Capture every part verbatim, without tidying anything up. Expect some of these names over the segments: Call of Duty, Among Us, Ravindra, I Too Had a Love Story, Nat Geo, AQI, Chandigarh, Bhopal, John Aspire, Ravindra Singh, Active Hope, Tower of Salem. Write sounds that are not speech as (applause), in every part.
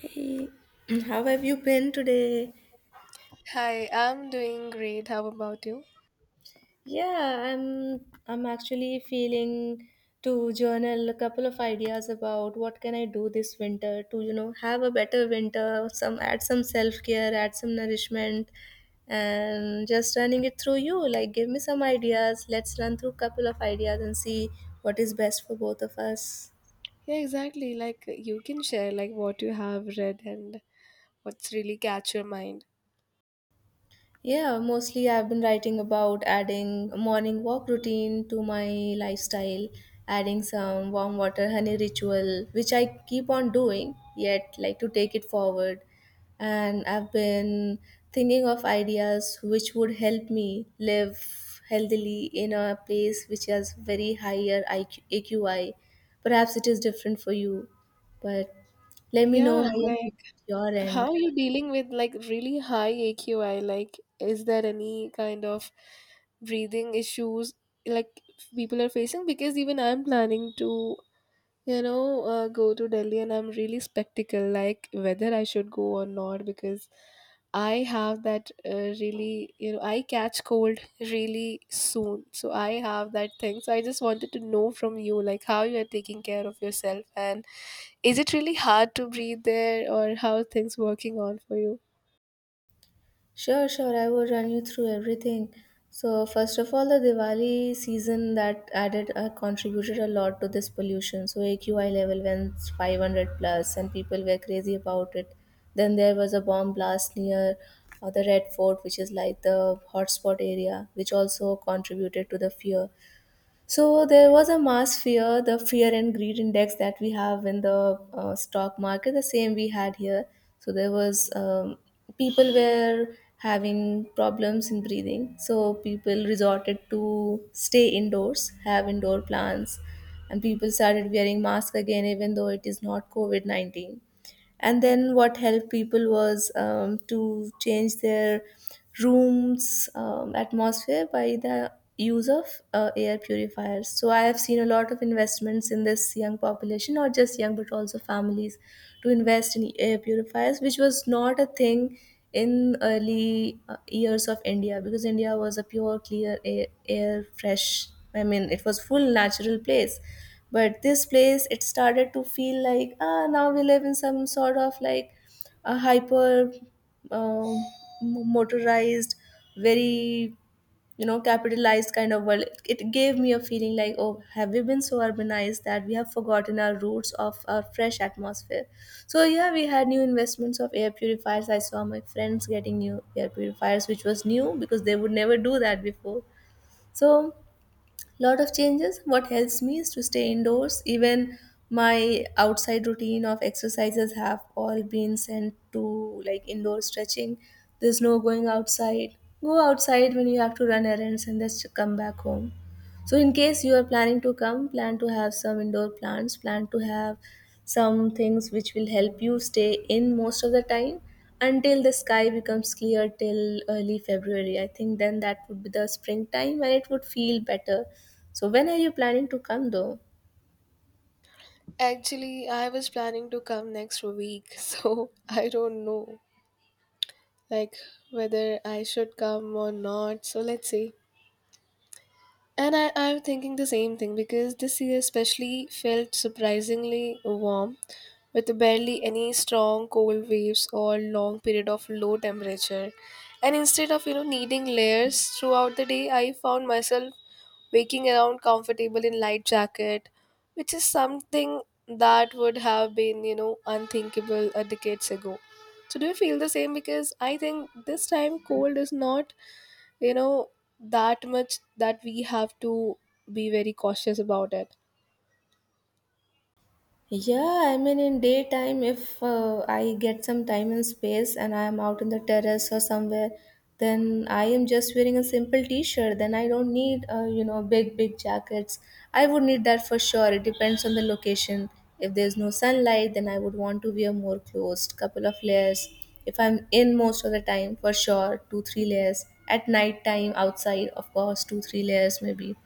Hey, (clears throat) how have you been today? Hi, I'm doing great. How about you? Yeah, I'm I'm actually feeling to journal a couple of ideas about what can I do this winter to, you know, have a better winter, some add some self-care, add some nourishment, and just running it through you. Like give me some ideas. Let's run through a couple of ideas and see what is best for both of us. Yeah, exactly. Like you can share like what you have read and what's really catch your mind. Yeah, mostly I've been writing about adding a morning walk routine to my lifestyle, adding some warm water honey ritual, which I keep on doing, yet like to take it forward. And I've been thinking of ideas which would help me live healthily in a place which has very higher I Q. Perhaps it is different for you, but let me Yeah, know and, how like, it's your how end. are you dealing with like really high A Q I? Like, is there any kind of breathing issues like people are facing? Because even I'm planning to You know, uh, go to Delhi, and I'm really spectacle like whether I should go or not, because I have that uh, really, you know, I catch cold really soon. So I have that thing. So I just wanted to know from you like how you are taking care of yourself, and is it really hard to breathe there, or how are things working on for you? Sure, sure. I will run you through everything. So first of all, the Diwali season that added uh, contributed a lot to this pollution. So A Q I level went five hundred plus, and people were crazy about it. Then there was a bomb blast near uh, the Red Fort, which is like the hotspot area, which also contributed to the fear. So there was a mass fear, the fear and greed index that we have in the uh, stock market, the same we had here. So there was um, people were having problems in breathing. So people resorted to stay indoors, have indoor plants, and people started wearing masks again, even though it is not COVID nineteen. And then what helped people was um, to change their rooms um, atmosphere by the use of uh, air purifiers. So I have seen a lot of investments in this young population, not just young but also families, to invest in air purifiers, which was not a thing in early uh, years of India, because India was a pure clear air, air fresh. I mean, it was full natural place. But this place, it started to feel like, ah, now we live in some sort of like a hyper um, motorized, very, you know capitalized kind of world. It gave me a feeling like, oh, have we been so urbanized that we have forgotten our roots of our fresh atmosphere? So yeah, we had new investments of air purifiers. I saw my friends getting new air purifiers, which was new because they would never do that before. So lot of changes. What helps me is to stay indoors. Even my outside routine of exercises have all been sent to like indoor stretching. There's no going outside. Go outside when you have to run errands and just come back home. So in case you are planning to come, plan to have some indoor plants, plan to have some things which will help you stay in most of the time until the sky becomes clear till early February. I think then that would be the springtime and it would feel better. So when are you planning to come though? Actually, I was planning to come next week, (laughs) so I don't know like whether I should come or not. So let's see. And I, I'm thinking the same thing, because this year especially felt surprisingly warm, with barely any strong cold waves or long period of low temperature. And instead of, you know, needing layers throughout the day, I found myself waking around comfortable in light jacket, which is something that would have been, you know, unthinkable a decades ago. So do you feel the same? Because I think this time cold is not, you know that much that we have to be very cautious about it. Yeah, I mean, in daytime, if uh, I get some time and space and I am out in the terrace or somewhere, then I am just wearing a simple t shirt. Then I don't need, uh, you know, big, big jackets. I would need that for sure. It depends on the location. If there's no sunlight, then I would want to wear more clothes, couple of layers. If I'm in most of the time, for sure, two, three layers. At night time, outside, of course, two, three layers maybe.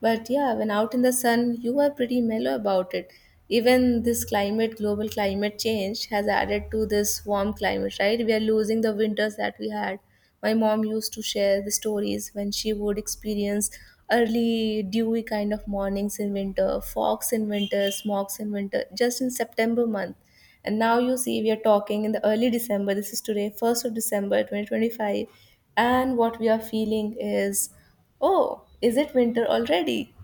But yeah, when out in the sun, you are pretty mellow about it. Even this climate, global climate change, has added to this warm climate, right? We are losing the winters that we had. My mom used to share the stories when she would experience early dewy kind of mornings in winter, fogs in winter, smogs in winter, just in September month. And now you see, we are talking in the early December. This is today, first of December twenty twenty-five. And what we are feeling is, oh, is it winter already?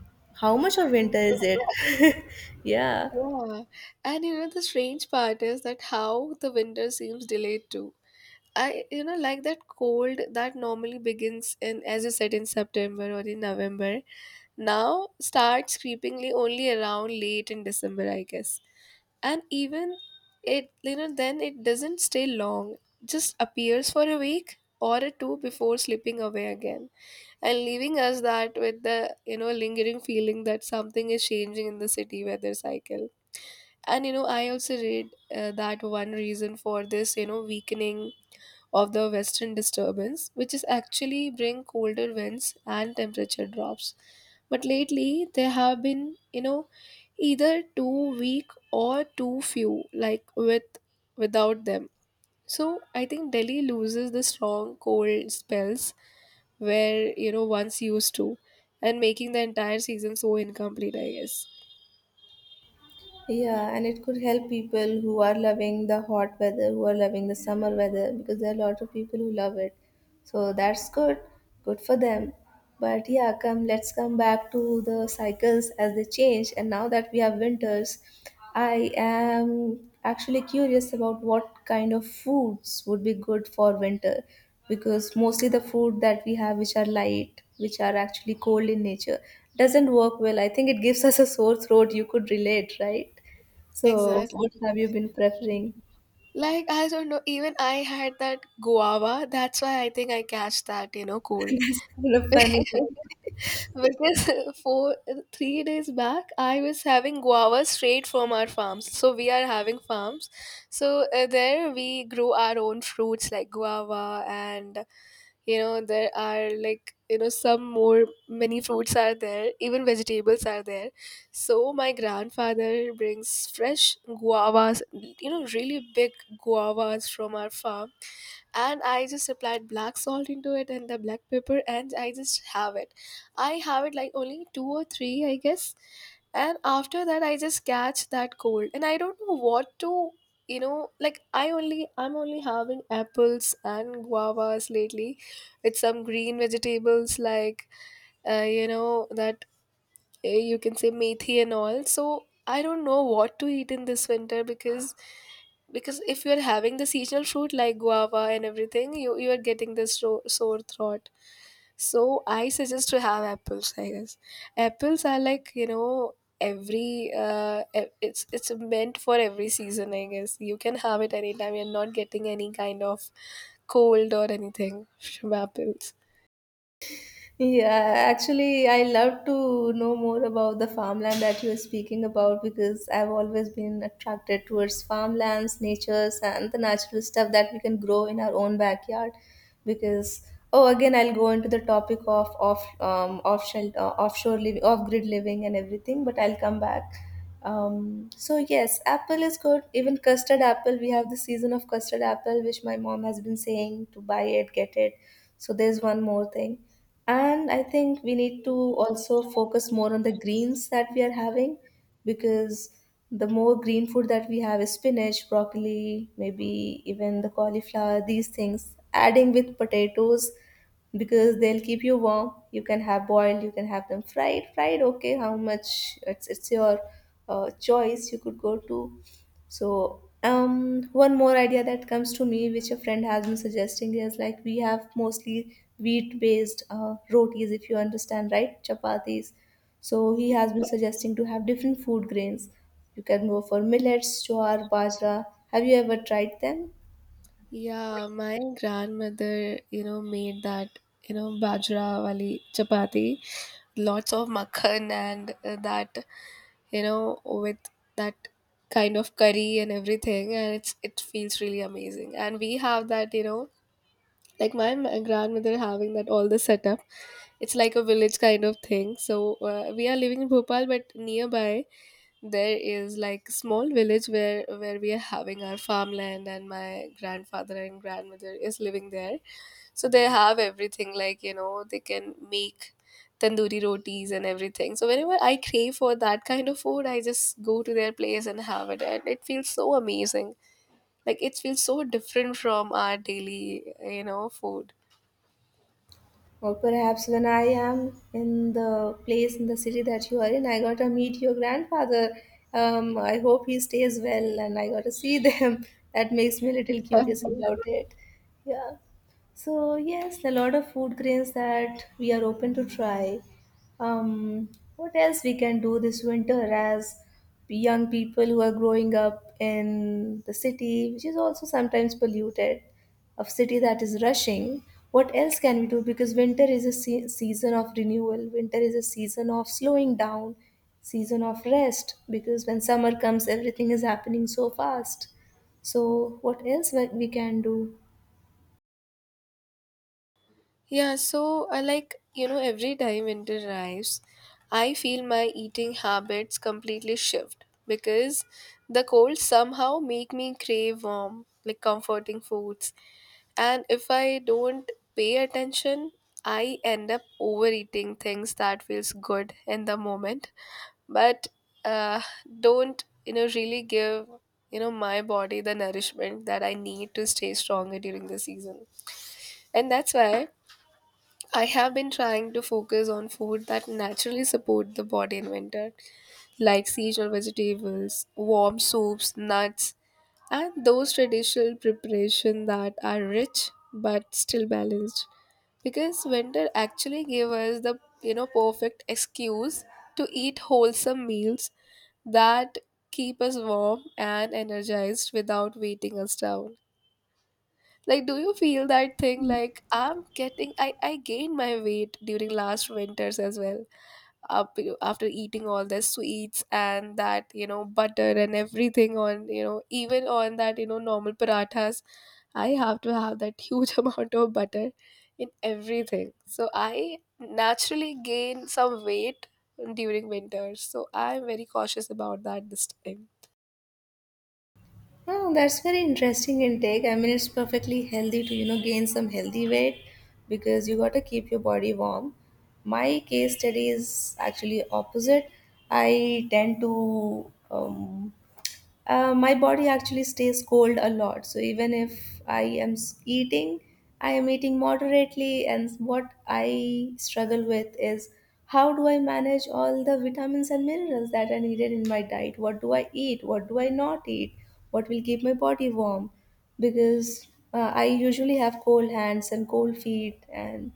How much of winter is Exactly. it? (laughs) Yeah. Yeah, and you know the strange part is that how the winter seems delayed too. I, you know like, that cold that normally begins in, as you said, in September or in November now starts creepingly only around late in December, I guess. And even it, you know then it doesn't stay long, just appears for a week or a two before slipping away again, and leaving us that with the, you know lingering feeling that something is changing in the city weather cycle. And, you know I also read uh, that one reason for this, you know weakening of the western disturbance, which is actually bring colder winds and temperature drops, but lately they have been, you know either too weak or too few, like, with, without them. So I think Delhi loses the strong cold spells where, you know once used to, and making the entire season so incomplete, I guess. Yeah, and it could help people who are loving the hot weather, who are loving the summer weather, because there are a lot of people who love it. So that's good, good for them. But yeah, come, let's come back to the cycles as they change. And now that we have winters, I am actually curious about what kind of foods would be good for winter, because mostly the food that we have, which are light, which are actually cold in nature, doesn't work well. I think it gives us a sore throat. You could relate, right? So Exactly. what have you been preferring? Like, I don't know, even I had that guava. That's why I think I catch that, you know, (laughs) cold. That's kind of funny. (laughs) Because four three days back I was having guava straight from our farms. So we are having farms. So uh, there we grew our own fruits like guava, and you know there are, like, you know some more, many fruits are there, even vegetables are there. So my grandfather brings fresh guavas, you know really big guavas from our farm. And I just applied black salt into it and the black pepper, and I just have it i have it like only two or three, I guess. And after that I just catch that cold, and I don't know what to, you know like, i only i'm only having apples and guavas lately, with some green vegetables like, uh, you know that, uh, you can say, methi and all. So I don't know what to eat in this winter, because because if you're having the seasonal fruit like guava and everything, you you are getting this ro- sore throat. So I suggest to have apples, I guess. Apples are, like, you know every uh e- it's it's meant for every season, I guess. You can have it anytime, you're not getting any kind of cold or anything from apples. Yeah, actually, I love to know more about the farmland that you are speaking about, because I've always been attracted towards farmlands, natures, and the natural stuff that we can grow in our own backyard. Because, oh, again, I'll go into the topic of off um, offshore uh, offshore living, off grid living, and everything, but I'll come back. Um, so yes, apple is good. Even custard apple, we have the season of custard apple, which my mom has been saying to buy it, get it. So there's one more thing, and I think we need to also focus more on the greens that we are having, because the more green food that we have is spinach, broccoli, maybe even the cauliflower, these things, adding with potatoes, because they'll keep you warm. You can have boiled, you can have them fried. Fried, okay, how much? It's, it's your uh, choice. You could go to so, um, one more idea that comes to me, which a friend has been suggesting, is like we have mostly wheat-based uh, rotis, if you understand, right? Chapatis. So he has been suggesting to have different food grains. You can go for millets, jowar, bajra. Have you ever tried them? Yeah, my grandmother, you know, made that, you know, bajra wali chapati, lots of makhan and uh, that, you know, with that kind of curry and everything, and it's it feels really amazing. And we have that, you know, like, my m- grandmother having that all the setup. It's like a village kind of thing. So uh, we are living in Bhopal, but nearby there is, like, small village where where we are having our farmland, and my grandfather and grandmother is living there. So they have everything, like, you know they can make tandoori rotis and everything. So whenever I crave for that kind of food, I just go to their place and have it, and it feels so amazing. Like, it feels so different from our daily, you know food. Or perhaps when I am in the place in the city that you are in, I got to meet your grandfather. Um, I hope he stays well and I got to see them. (laughs) That makes me a little (laughs) curious about it. Yeah. So, yes, a lot of food grains that we are open to try. Um, what else we can do this winter as young people who are growing up in the city, which is also sometimes polluted? Of city that is rushing, what else can we do? Because winter is a se- season of renewal, winter is a season of slowing down, season of rest, because when summer comes everything is happening so fast. So what else we we can do? Yeah, so I, like, you know, every time winter arrives, I feel my eating habits completely shift, because the cold somehow make me crave warm, like, comforting foods, and if I don't pay attention, I end up overeating things that feels good in the moment, but uh, don't, you know really give, you know my body the nourishment that I need to stay stronger during the season, and that's why. I have been trying to focus on food that naturally support the body in winter, like seasonal vegetables, warm soups, nuts, and those traditional preparation that are rich but still balanced. Because winter actually gave us the, you know perfect excuse to eat wholesome meals that keep us warm and energized without weighting us down. Like, do you feel that thing? Like, I'm getting, I, I gained my weight during last winters as well. Up, after eating all the sweets and that, you know, butter and everything on, you know, even on that, you know, normal parathas, I have to have that huge (laughs) amount of butter in everything. So I naturally gain some weight during winters. So I'm very cautious about that this time. Oh, that's very interesting intake. I mean, it's perfectly healthy to, you know gain some healthy weight, because you got to keep your body warm. My case study is actually opposite. I tend to, um, uh, my body actually stays cold a lot. So even if I am s- eating, I am eating moderately. And what I struggle with is, how do I manage all the vitamins and minerals that are needed in my diet? What do I eat? What do I not eat? What will keep my body warm? Because uh, I usually have cold hands and cold feet, and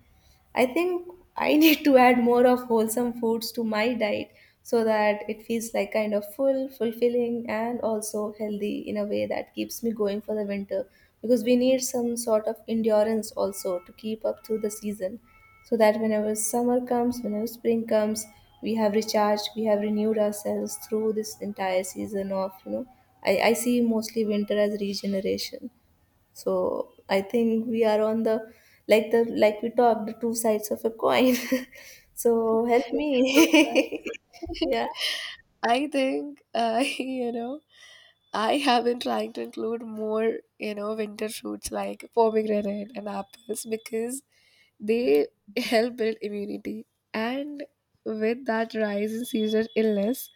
I think I (laughs) need to add more of wholesome foods to my diet so that it feels like kind of full, fulfilling, and also healthy in a way that keeps me going for the winter. Because we need some sort of endurance also to keep up through the season, so that whenever summer comes, whenever spring comes, we have recharged, we have renewed ourselves through this entire season of, you know, I, I see mostly winter as regeneration. So I think we are on the like the like we talked the two sides of a coin. (laughs) So help (laughs) So me. (laughs) Yeah. (laughs) I think I, (laughs) you know, I have been trying to include more, you know, winter fruits like pomegranate and apples, because they help build immunity. And with that rise in seasonal illness,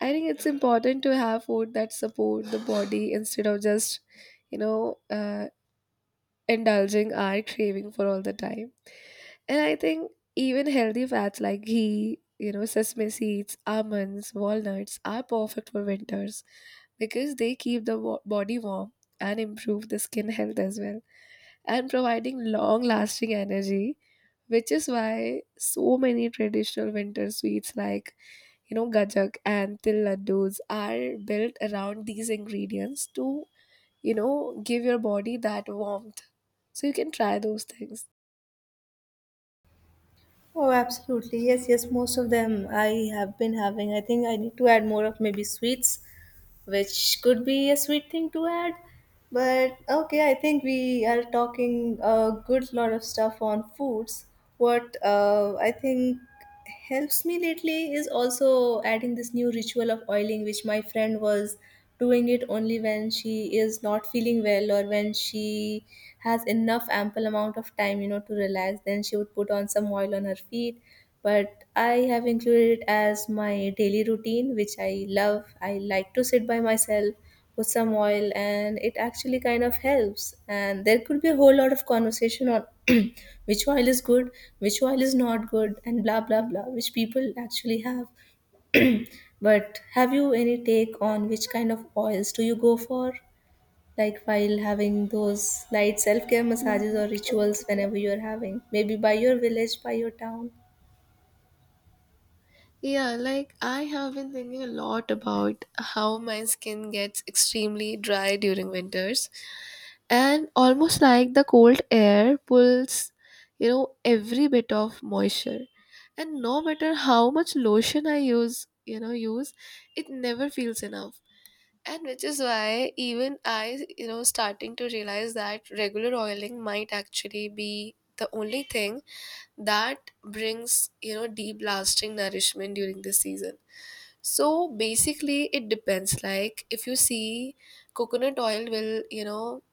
I think it's important to have food that support the body instead of just, you know, uh, indulging our craving for all the time. And I think even healthy fats like ghee, you know, sesame seeds, almonds, walnuts are perfect for winters, because they keep the wa- body warm and improve the skin health as well, and providing long lasting energy, which is why so many traditional winter sweets like, you know gajak and til laddus are built around these ingredients to, you know give your body that warmth. So you can try those things. Oh, absolutely. Yes, yes, most of them I have been having. I think I need to add more of maybe sweets, which could be a sweet thing to add. But okay, I think we are talking a good lot of stuff on foods. What uh, I think. Helps me lately is also adding this new ritual of oiling, which my friend was doing it only when she is not feeling well or when she has enough ample amount of time you know to relax. Then she would put on some oil on her feet. But I have included it as my daily routine, which I love. I like to sit by myself with some oil, and it actually kind of helps. And there could be a whole lot of conversation on (clears throat) which oil is good, which oil is not good, and blah blah blah, which people actually have. (clears throat) But have you any take on which kind of oils do you go for, like while having those light self-care massages or rituals, whenever you're having, maybe by your village, by your town? Yeah, like, I have been thinking a lot about how my skin gets extremely dry during winters, and almost like the cold air pulls, you know, every bit of moisture. And no matter how much lotion I use, you know, use, it never feels enough. And which is why even I, you know, starting to realize that regular oiling might actually be the only thing that brings, you know deep lasting nourishment during this season. So basically it depends, like, if you see, coconut oil will you know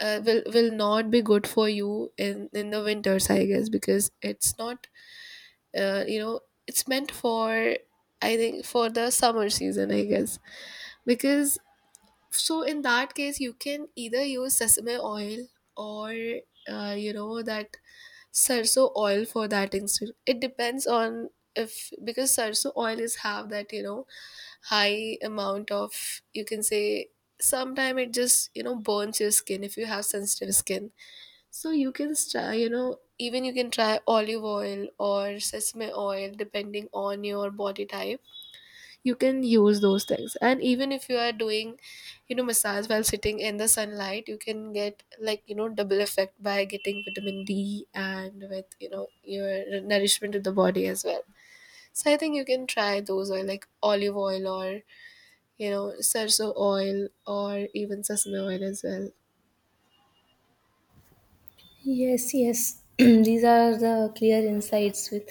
uh, will will not be good for you in in the winters, I guess, because it's not, uh, you know it's meant for, I think, for the summer season, I guess. Because, so, in that case you can either use sesame oil, or, uh, you know that Sarso oil, for that instance. It depends on, if, because sarso oil is, have that, you know high amount of, you can say, sometime it just, you know burns your skin if you have sensitive skin. So you can try, you know even you can try olive oil or sesame oil depending on your body type. You can use those things. And even if you are doing, you know massage while sitting in the sunlight, you can get, like, you know double effect by getting vitamin D, and with, you know your nourishment to the body as well. So I think you can try those oil, like olive oil, or you know sarso oil, or even sesame oil as well. Yes, yes. (clears throat) These are the clear insights with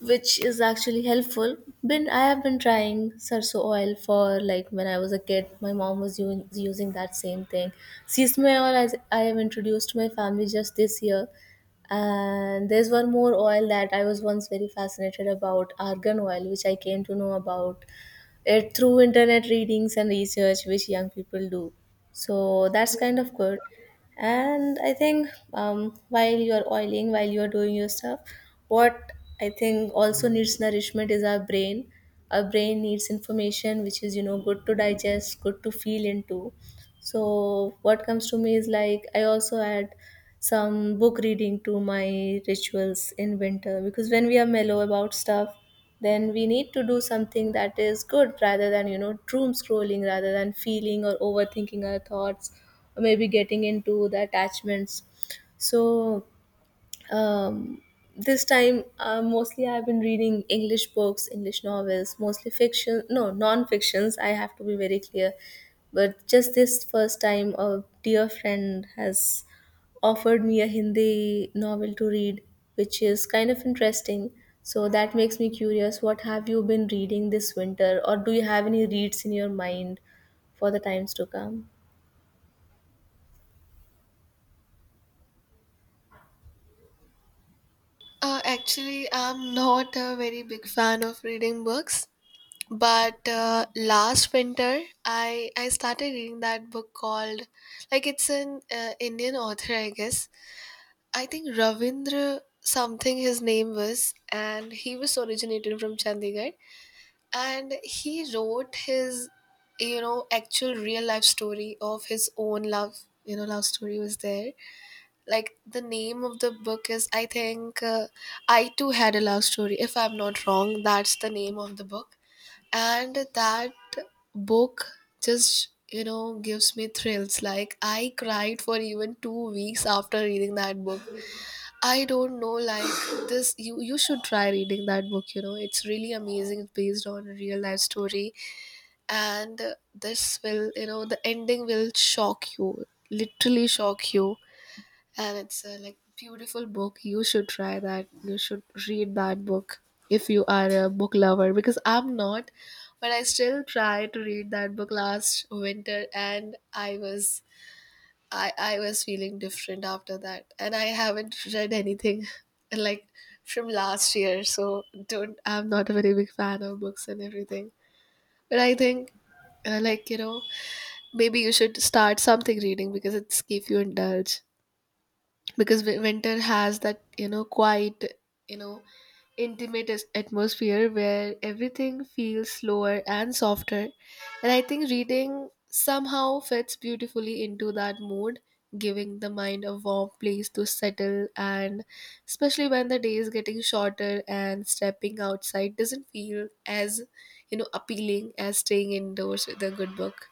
which is actually helpful. Been I have been trying sarso oil for like when I was a kid. My mom was u- using that same thing. Sesame oil, as I have introduced to my family just this year. And there's one more oil that I was once very fascinated about, argan oil, which I came to know about it through internet readings and research which young people do. So that's kind of good. And I think, um, while you're oiling, while you're doing your stuff, what I think also needs nourishment is our brain. Our brain needs information which is, you know good to digest, good to feel into. So what comes to me is, like, I also add some book reading to my rituals in winter, because when we are mellow about stuff, then we need to do something that is good rather than, you know doom scrolling, rather than feeling or overthinking our thoughts, or maybe getting into the attachments. So um, this time, uh, mostly I've been reading English books, English novels, mostly fiction, no non-fictions, I have to be very clear. But just this first time a dear friend has offered me a Hindi novel to read, which is kind of interesting. So that makes me curious, what have you been reading this winter, or do you have any reads in your mind for the times to come? Uh, actually, I'm not a very big fan of reading books, but uh, last winter i i started reading that book called, like, it's an uh, Indian author, I guess, I think Ravindra something, his name was, and he was originated from Chandigarh. And he wrote his, you know actual real life story, of his own love you know love story was there. Like, the name of the book is, I think, uh, I Too Had a Love Story, if I'm not wrong. That's the name of the book. And that book just, you know gives me thrills. Like, I cried for even two weeks after reading that book. I don't know, like, this, you you should try reading that book. You know it's really amazing. It's based on a real life story. And this will you know the ending will shock you, literally shock you. And it's a, like, beautiful book. You should try that. You should read that book if you are a book lover because I'm not, but I still tried to read that book last winter, and I was I I was feeling different after that, and I haven't read anything (laughs) like from last year. So don't I'm not a very big fan of books and everything. But I think uh, like you know maybe you should start something reading because it's keep you indulged, because wi- winter has that, you know quiet, you know intimate as- atmosphere where everything feels slower and softer, and I think reading somehow fits beautifully into that mood, giving the mind a warm place to settle. And especially when the day is getting shorter and stepping outside doesn't feel as, you know appealing as staying indoors with a good book.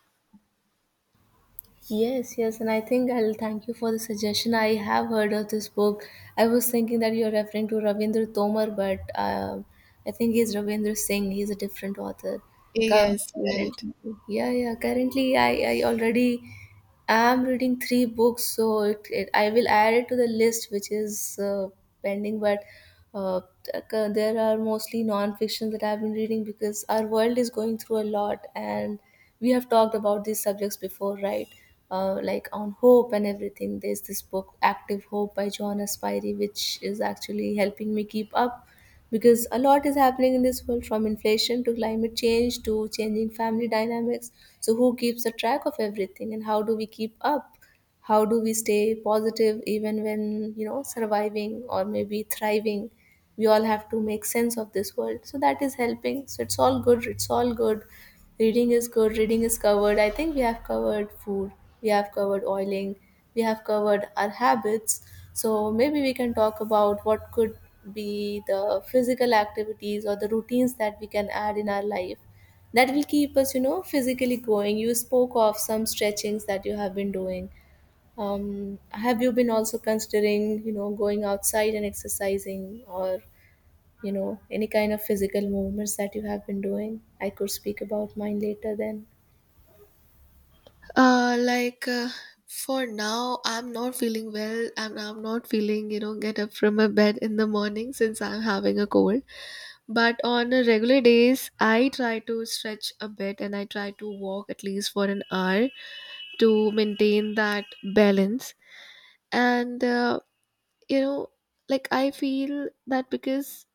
Yes, yes, and I think I'll thank you for the suggestion. I have heard of this book. I was thinking that you're referring to Ravindra Tomar, but uh, I think he's Ravindra Singh. He's a different author. Cu- Yes, right. Currently, yeah, yeah. Currently, I, I already, I'm reading three books, so it, it, I will add it to the list, which is uh, pending. But uh, c- there are mostly non-fiction that I've been reading, because our world is going through a lot, and we have talked about these subjects before, right? Uh, like on hope and everything. There's this book, Active Hope by John Aspire, which is actually helping me keep up, because a lot is happening in this world, from inflation to climate change to changing family dynamics. So who keeps a track of everything, and how do we keep up? How do we stay positive even when, you know surviving or maybe thriving? We all have to make sense of this world, so that is helping. So it's all good, it's all good. Reading is good, reading is covered. I think we have covered food, we have covered oiling, we have covered our habits. So maybe we can talk about what could be the physical activities or the routines that we can add in our life that will keep us, you know physically going. You spoke of some stretchings that you have been doing. Um, have you been also considering, you know, going outside and exercising, or, you know, any kind of physical movements that you have been doing? I could speak about mine later then. uh like uh, for now, I'm not feeling well and I'm not feeling, you know, get up from a bed in the morning since I'm having a cold. But on a regular days, I try to stretch a bit and I try to walk at least for an hour to maintain that balance. And uh, you know like I feel that because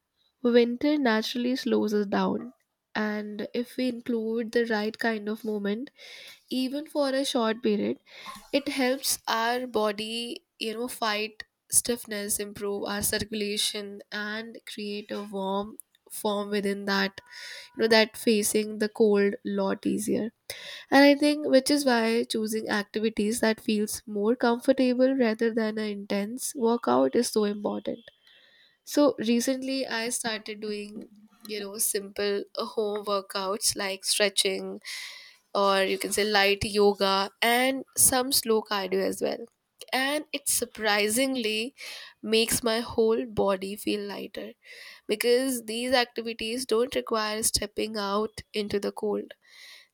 winter naturally slows us down, and if we include the right kind of moment, even for a short period, it helps our body, you know, fight stiffness, improve our circulation, and create a warm form within that, you know, that facing the cold lot easier. And I think which is why choosing activities that feels more comfortable rather than an intense workout is so important. So recently I started doing, you know, simple uh, home workouts like stretching, or you can say light yoga and some slow cardio as well. And it surprisingly makes my whole body feel lighter because these activities don't require stepping out into the cold.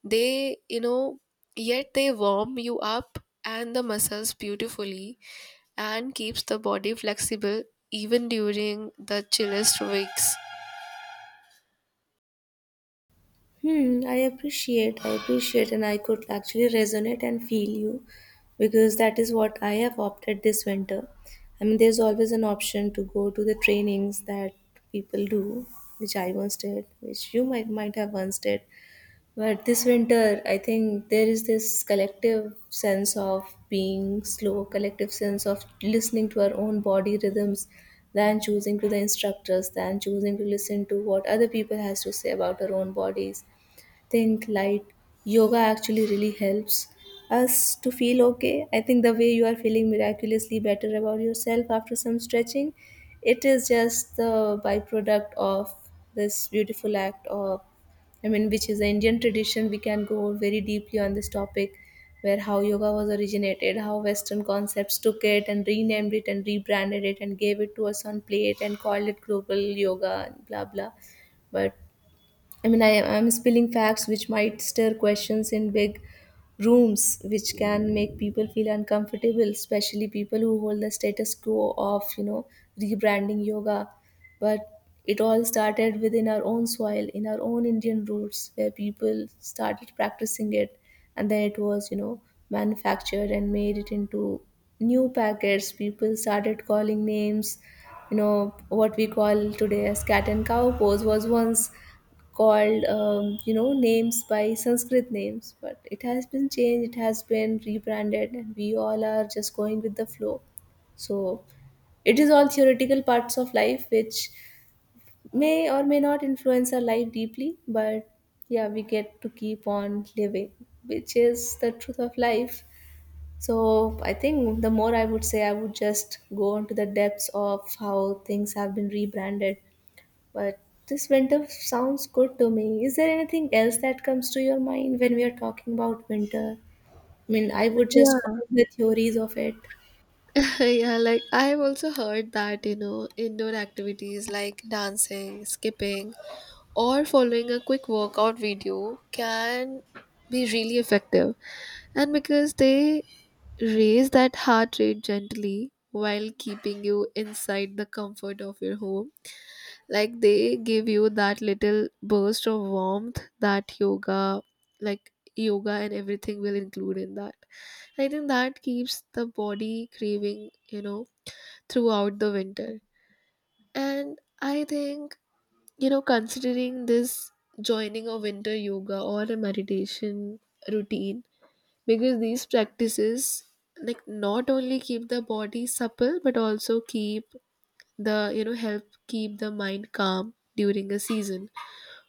They, you know, yet they warm you up and the muscles beautifully and keeps the body flexible even during the chillest weeks. Hmm, I appreciate, I appreciate, and I could actually resonate and feel you, because that is what I have opted this winter. I mean, there's always an option to go to the trainings that people do, which I once did, which you might might have once did. But this winter, I think there is this collective sense of being slow, collective sense of listening to our own body rhythms, than choosing to the instructors, than choosing to listen to what other people has to say about our own bodies. Think light yoga actually really helps us to feel okay. I think the way you are feeling miraculously better about yourself after some stretching, it is just the byproduct of this beautiful act of, I mean, which is the Indian tradition. We can go very deeply on this topic, where how yoga was originated, how Western concepts took it and renamed it and rebranded it and gave it to us on plate and called it global yoga and blah blah. But I mean, I am spilling facts which might stir questions in big rooms, which can make people feel uncomfortable, especially people who hold the status quo of, you know, rebranding yoga. But it all started within our own soil, in our own Indian roots, where people started practicing it. And then it was, you know, manufactured and made it into new packets. People started calling names. You know what we call today as cat and cow pose was once called um, you know names by Sanskrit names, but it has been changed, it has been rebranded, and we all are just going with the flow. So it is all theoretical parts of life, which may or may not influence our life deeply. But yeah, we get to keep on living, which is the truth of life. So I think the more, I would say, I would just go into the depths of how things have been rebranded. But this winter sounds good to me. Is there anything else that comes to your mind when we are talking about winter? I mean, I would just go Yeah. with the theories of it. (laughs) Yeah, like I've also heard that, you know, indoor activities like dancing, skipping, or following a quick workout video can be really effective. And because they raise that heart rate gently while keeping you inside the comfort of your home. Like they give you that little burst of warmth that yoga, like yoga and everything will include in that. I think that keeps the body craving, you know, throughout the winter. And I think, you know, considering this, joining a winter yoga or a meditation routine, because these practices like not only keep the body supple but also keep the you know help keep the mind calm during a season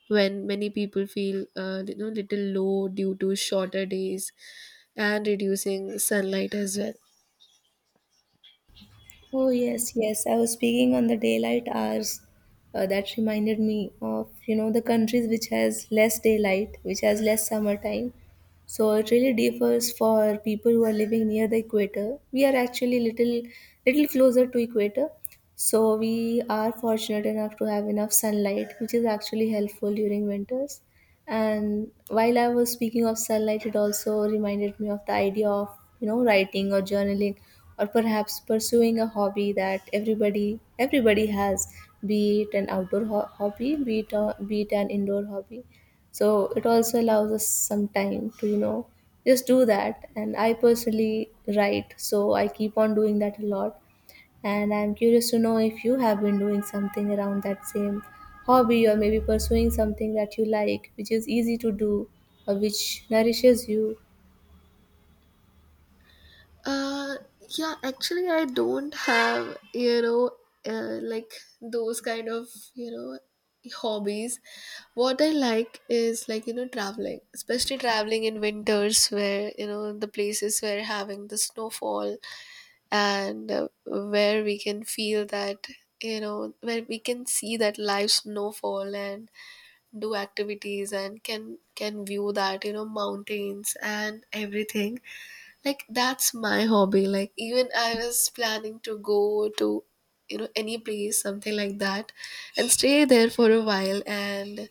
when many people feel uh, you know, little low due to shorter days and reducing sunlight as well. Oh, yes, yes. I was speaking on the daylight hours. Uh, that reminded me of, you know, the countries which has less daylight, which has less summertime. So it really differs for people who are living near the equator. We are actually little little closer to equator. So we are fortunate enough to have enough sunlight, which is actually helpful during winters. And while I was speaking of sunlight, it also reminded me of the idea of, you know writing or journaling, or perhaps pursuing a hobby that everybody everybody has, be it an outdoor ho- hobby, be it, a, be it an indoor hobby. So it also allows us some time to, you know just do that. And I personally write, so I keep on doing that a lot. And I'm curious to know if you have been doing something around that same hobby, or maybe pursuing something that you like, which is easy to do or which nourishes you. Uh, yeah, actually, I don't have, you know, uh, like those kind of, you know, hobbies. What I like is like, you know, traveling, especially traveling in winters where, you know, the places where having the snowfall, and uh, where we can feel that, you know, where we can see that live snowfall and do activities and can can view that, you know, mountains and everything. Like that's my hobby. Like even I was planning to go to, you know, any place something like that and stay there for a while, and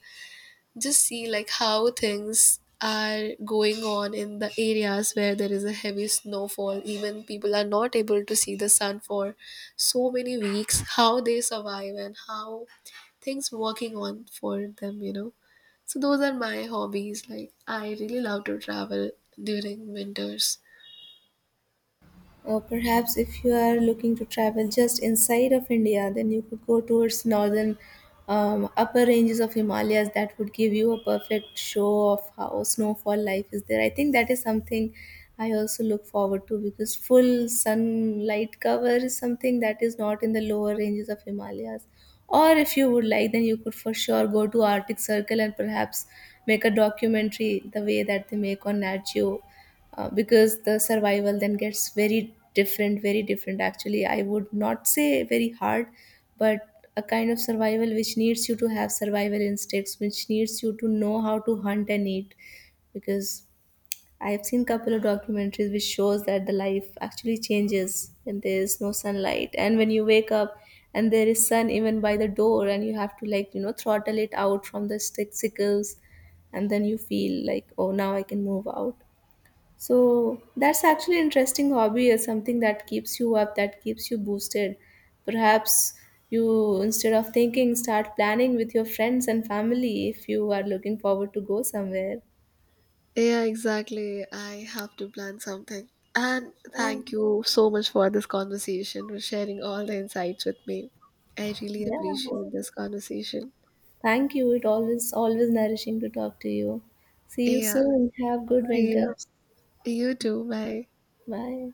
just see like how things are going on in the areas where there is a heavy snowfall, even people are not able to see the sun for so many weeks, how they survive and how things working on for them, you know. So those are my hobbies. Like, I really love to travel during winters. Or perhaps if you are looking to travel just inside of India, then you could go towards northern um, upper ranges of Himalayas. That would give you a perfect show of how snowfall life is there. I think that is something I also look forward to, because full sunlight cover is something that is not in the lower ranges of Himalayas. Or if you would like, then you could for sure go to Arctic Circle and perhaps make a documentary the way that they make on Nat Geo. Uh, because the survival then gets very different, very different. Actually, I would not say very hard, but a kind of survival which needs you to have survival instincts, which needs you to know how to hunt and eat. Because I've seen couple of documentaries which shows that the life actually changes when there is no sunlight, and when you wake up and there is sun even by the door and you have to, like, you know throttle it out from the stick sickles, and then you feel like, oh, now I can move out. So that's actually an interesting hobby, is something that keeps you up, that keeps you boosted. Perhaps you, instead of thinking, start planning with your friends and family if you are looking forward to go somewhere. Yeah, exactly. I have to plan something. And Oh, thank you so much for this conversation, for sharing all the insights with me. I really yeah. appreciate this conversation. Thank you. It always always nourishing to talk to you. See you Yeah, soon. Have good see winter. you. You too. Bye. Bye.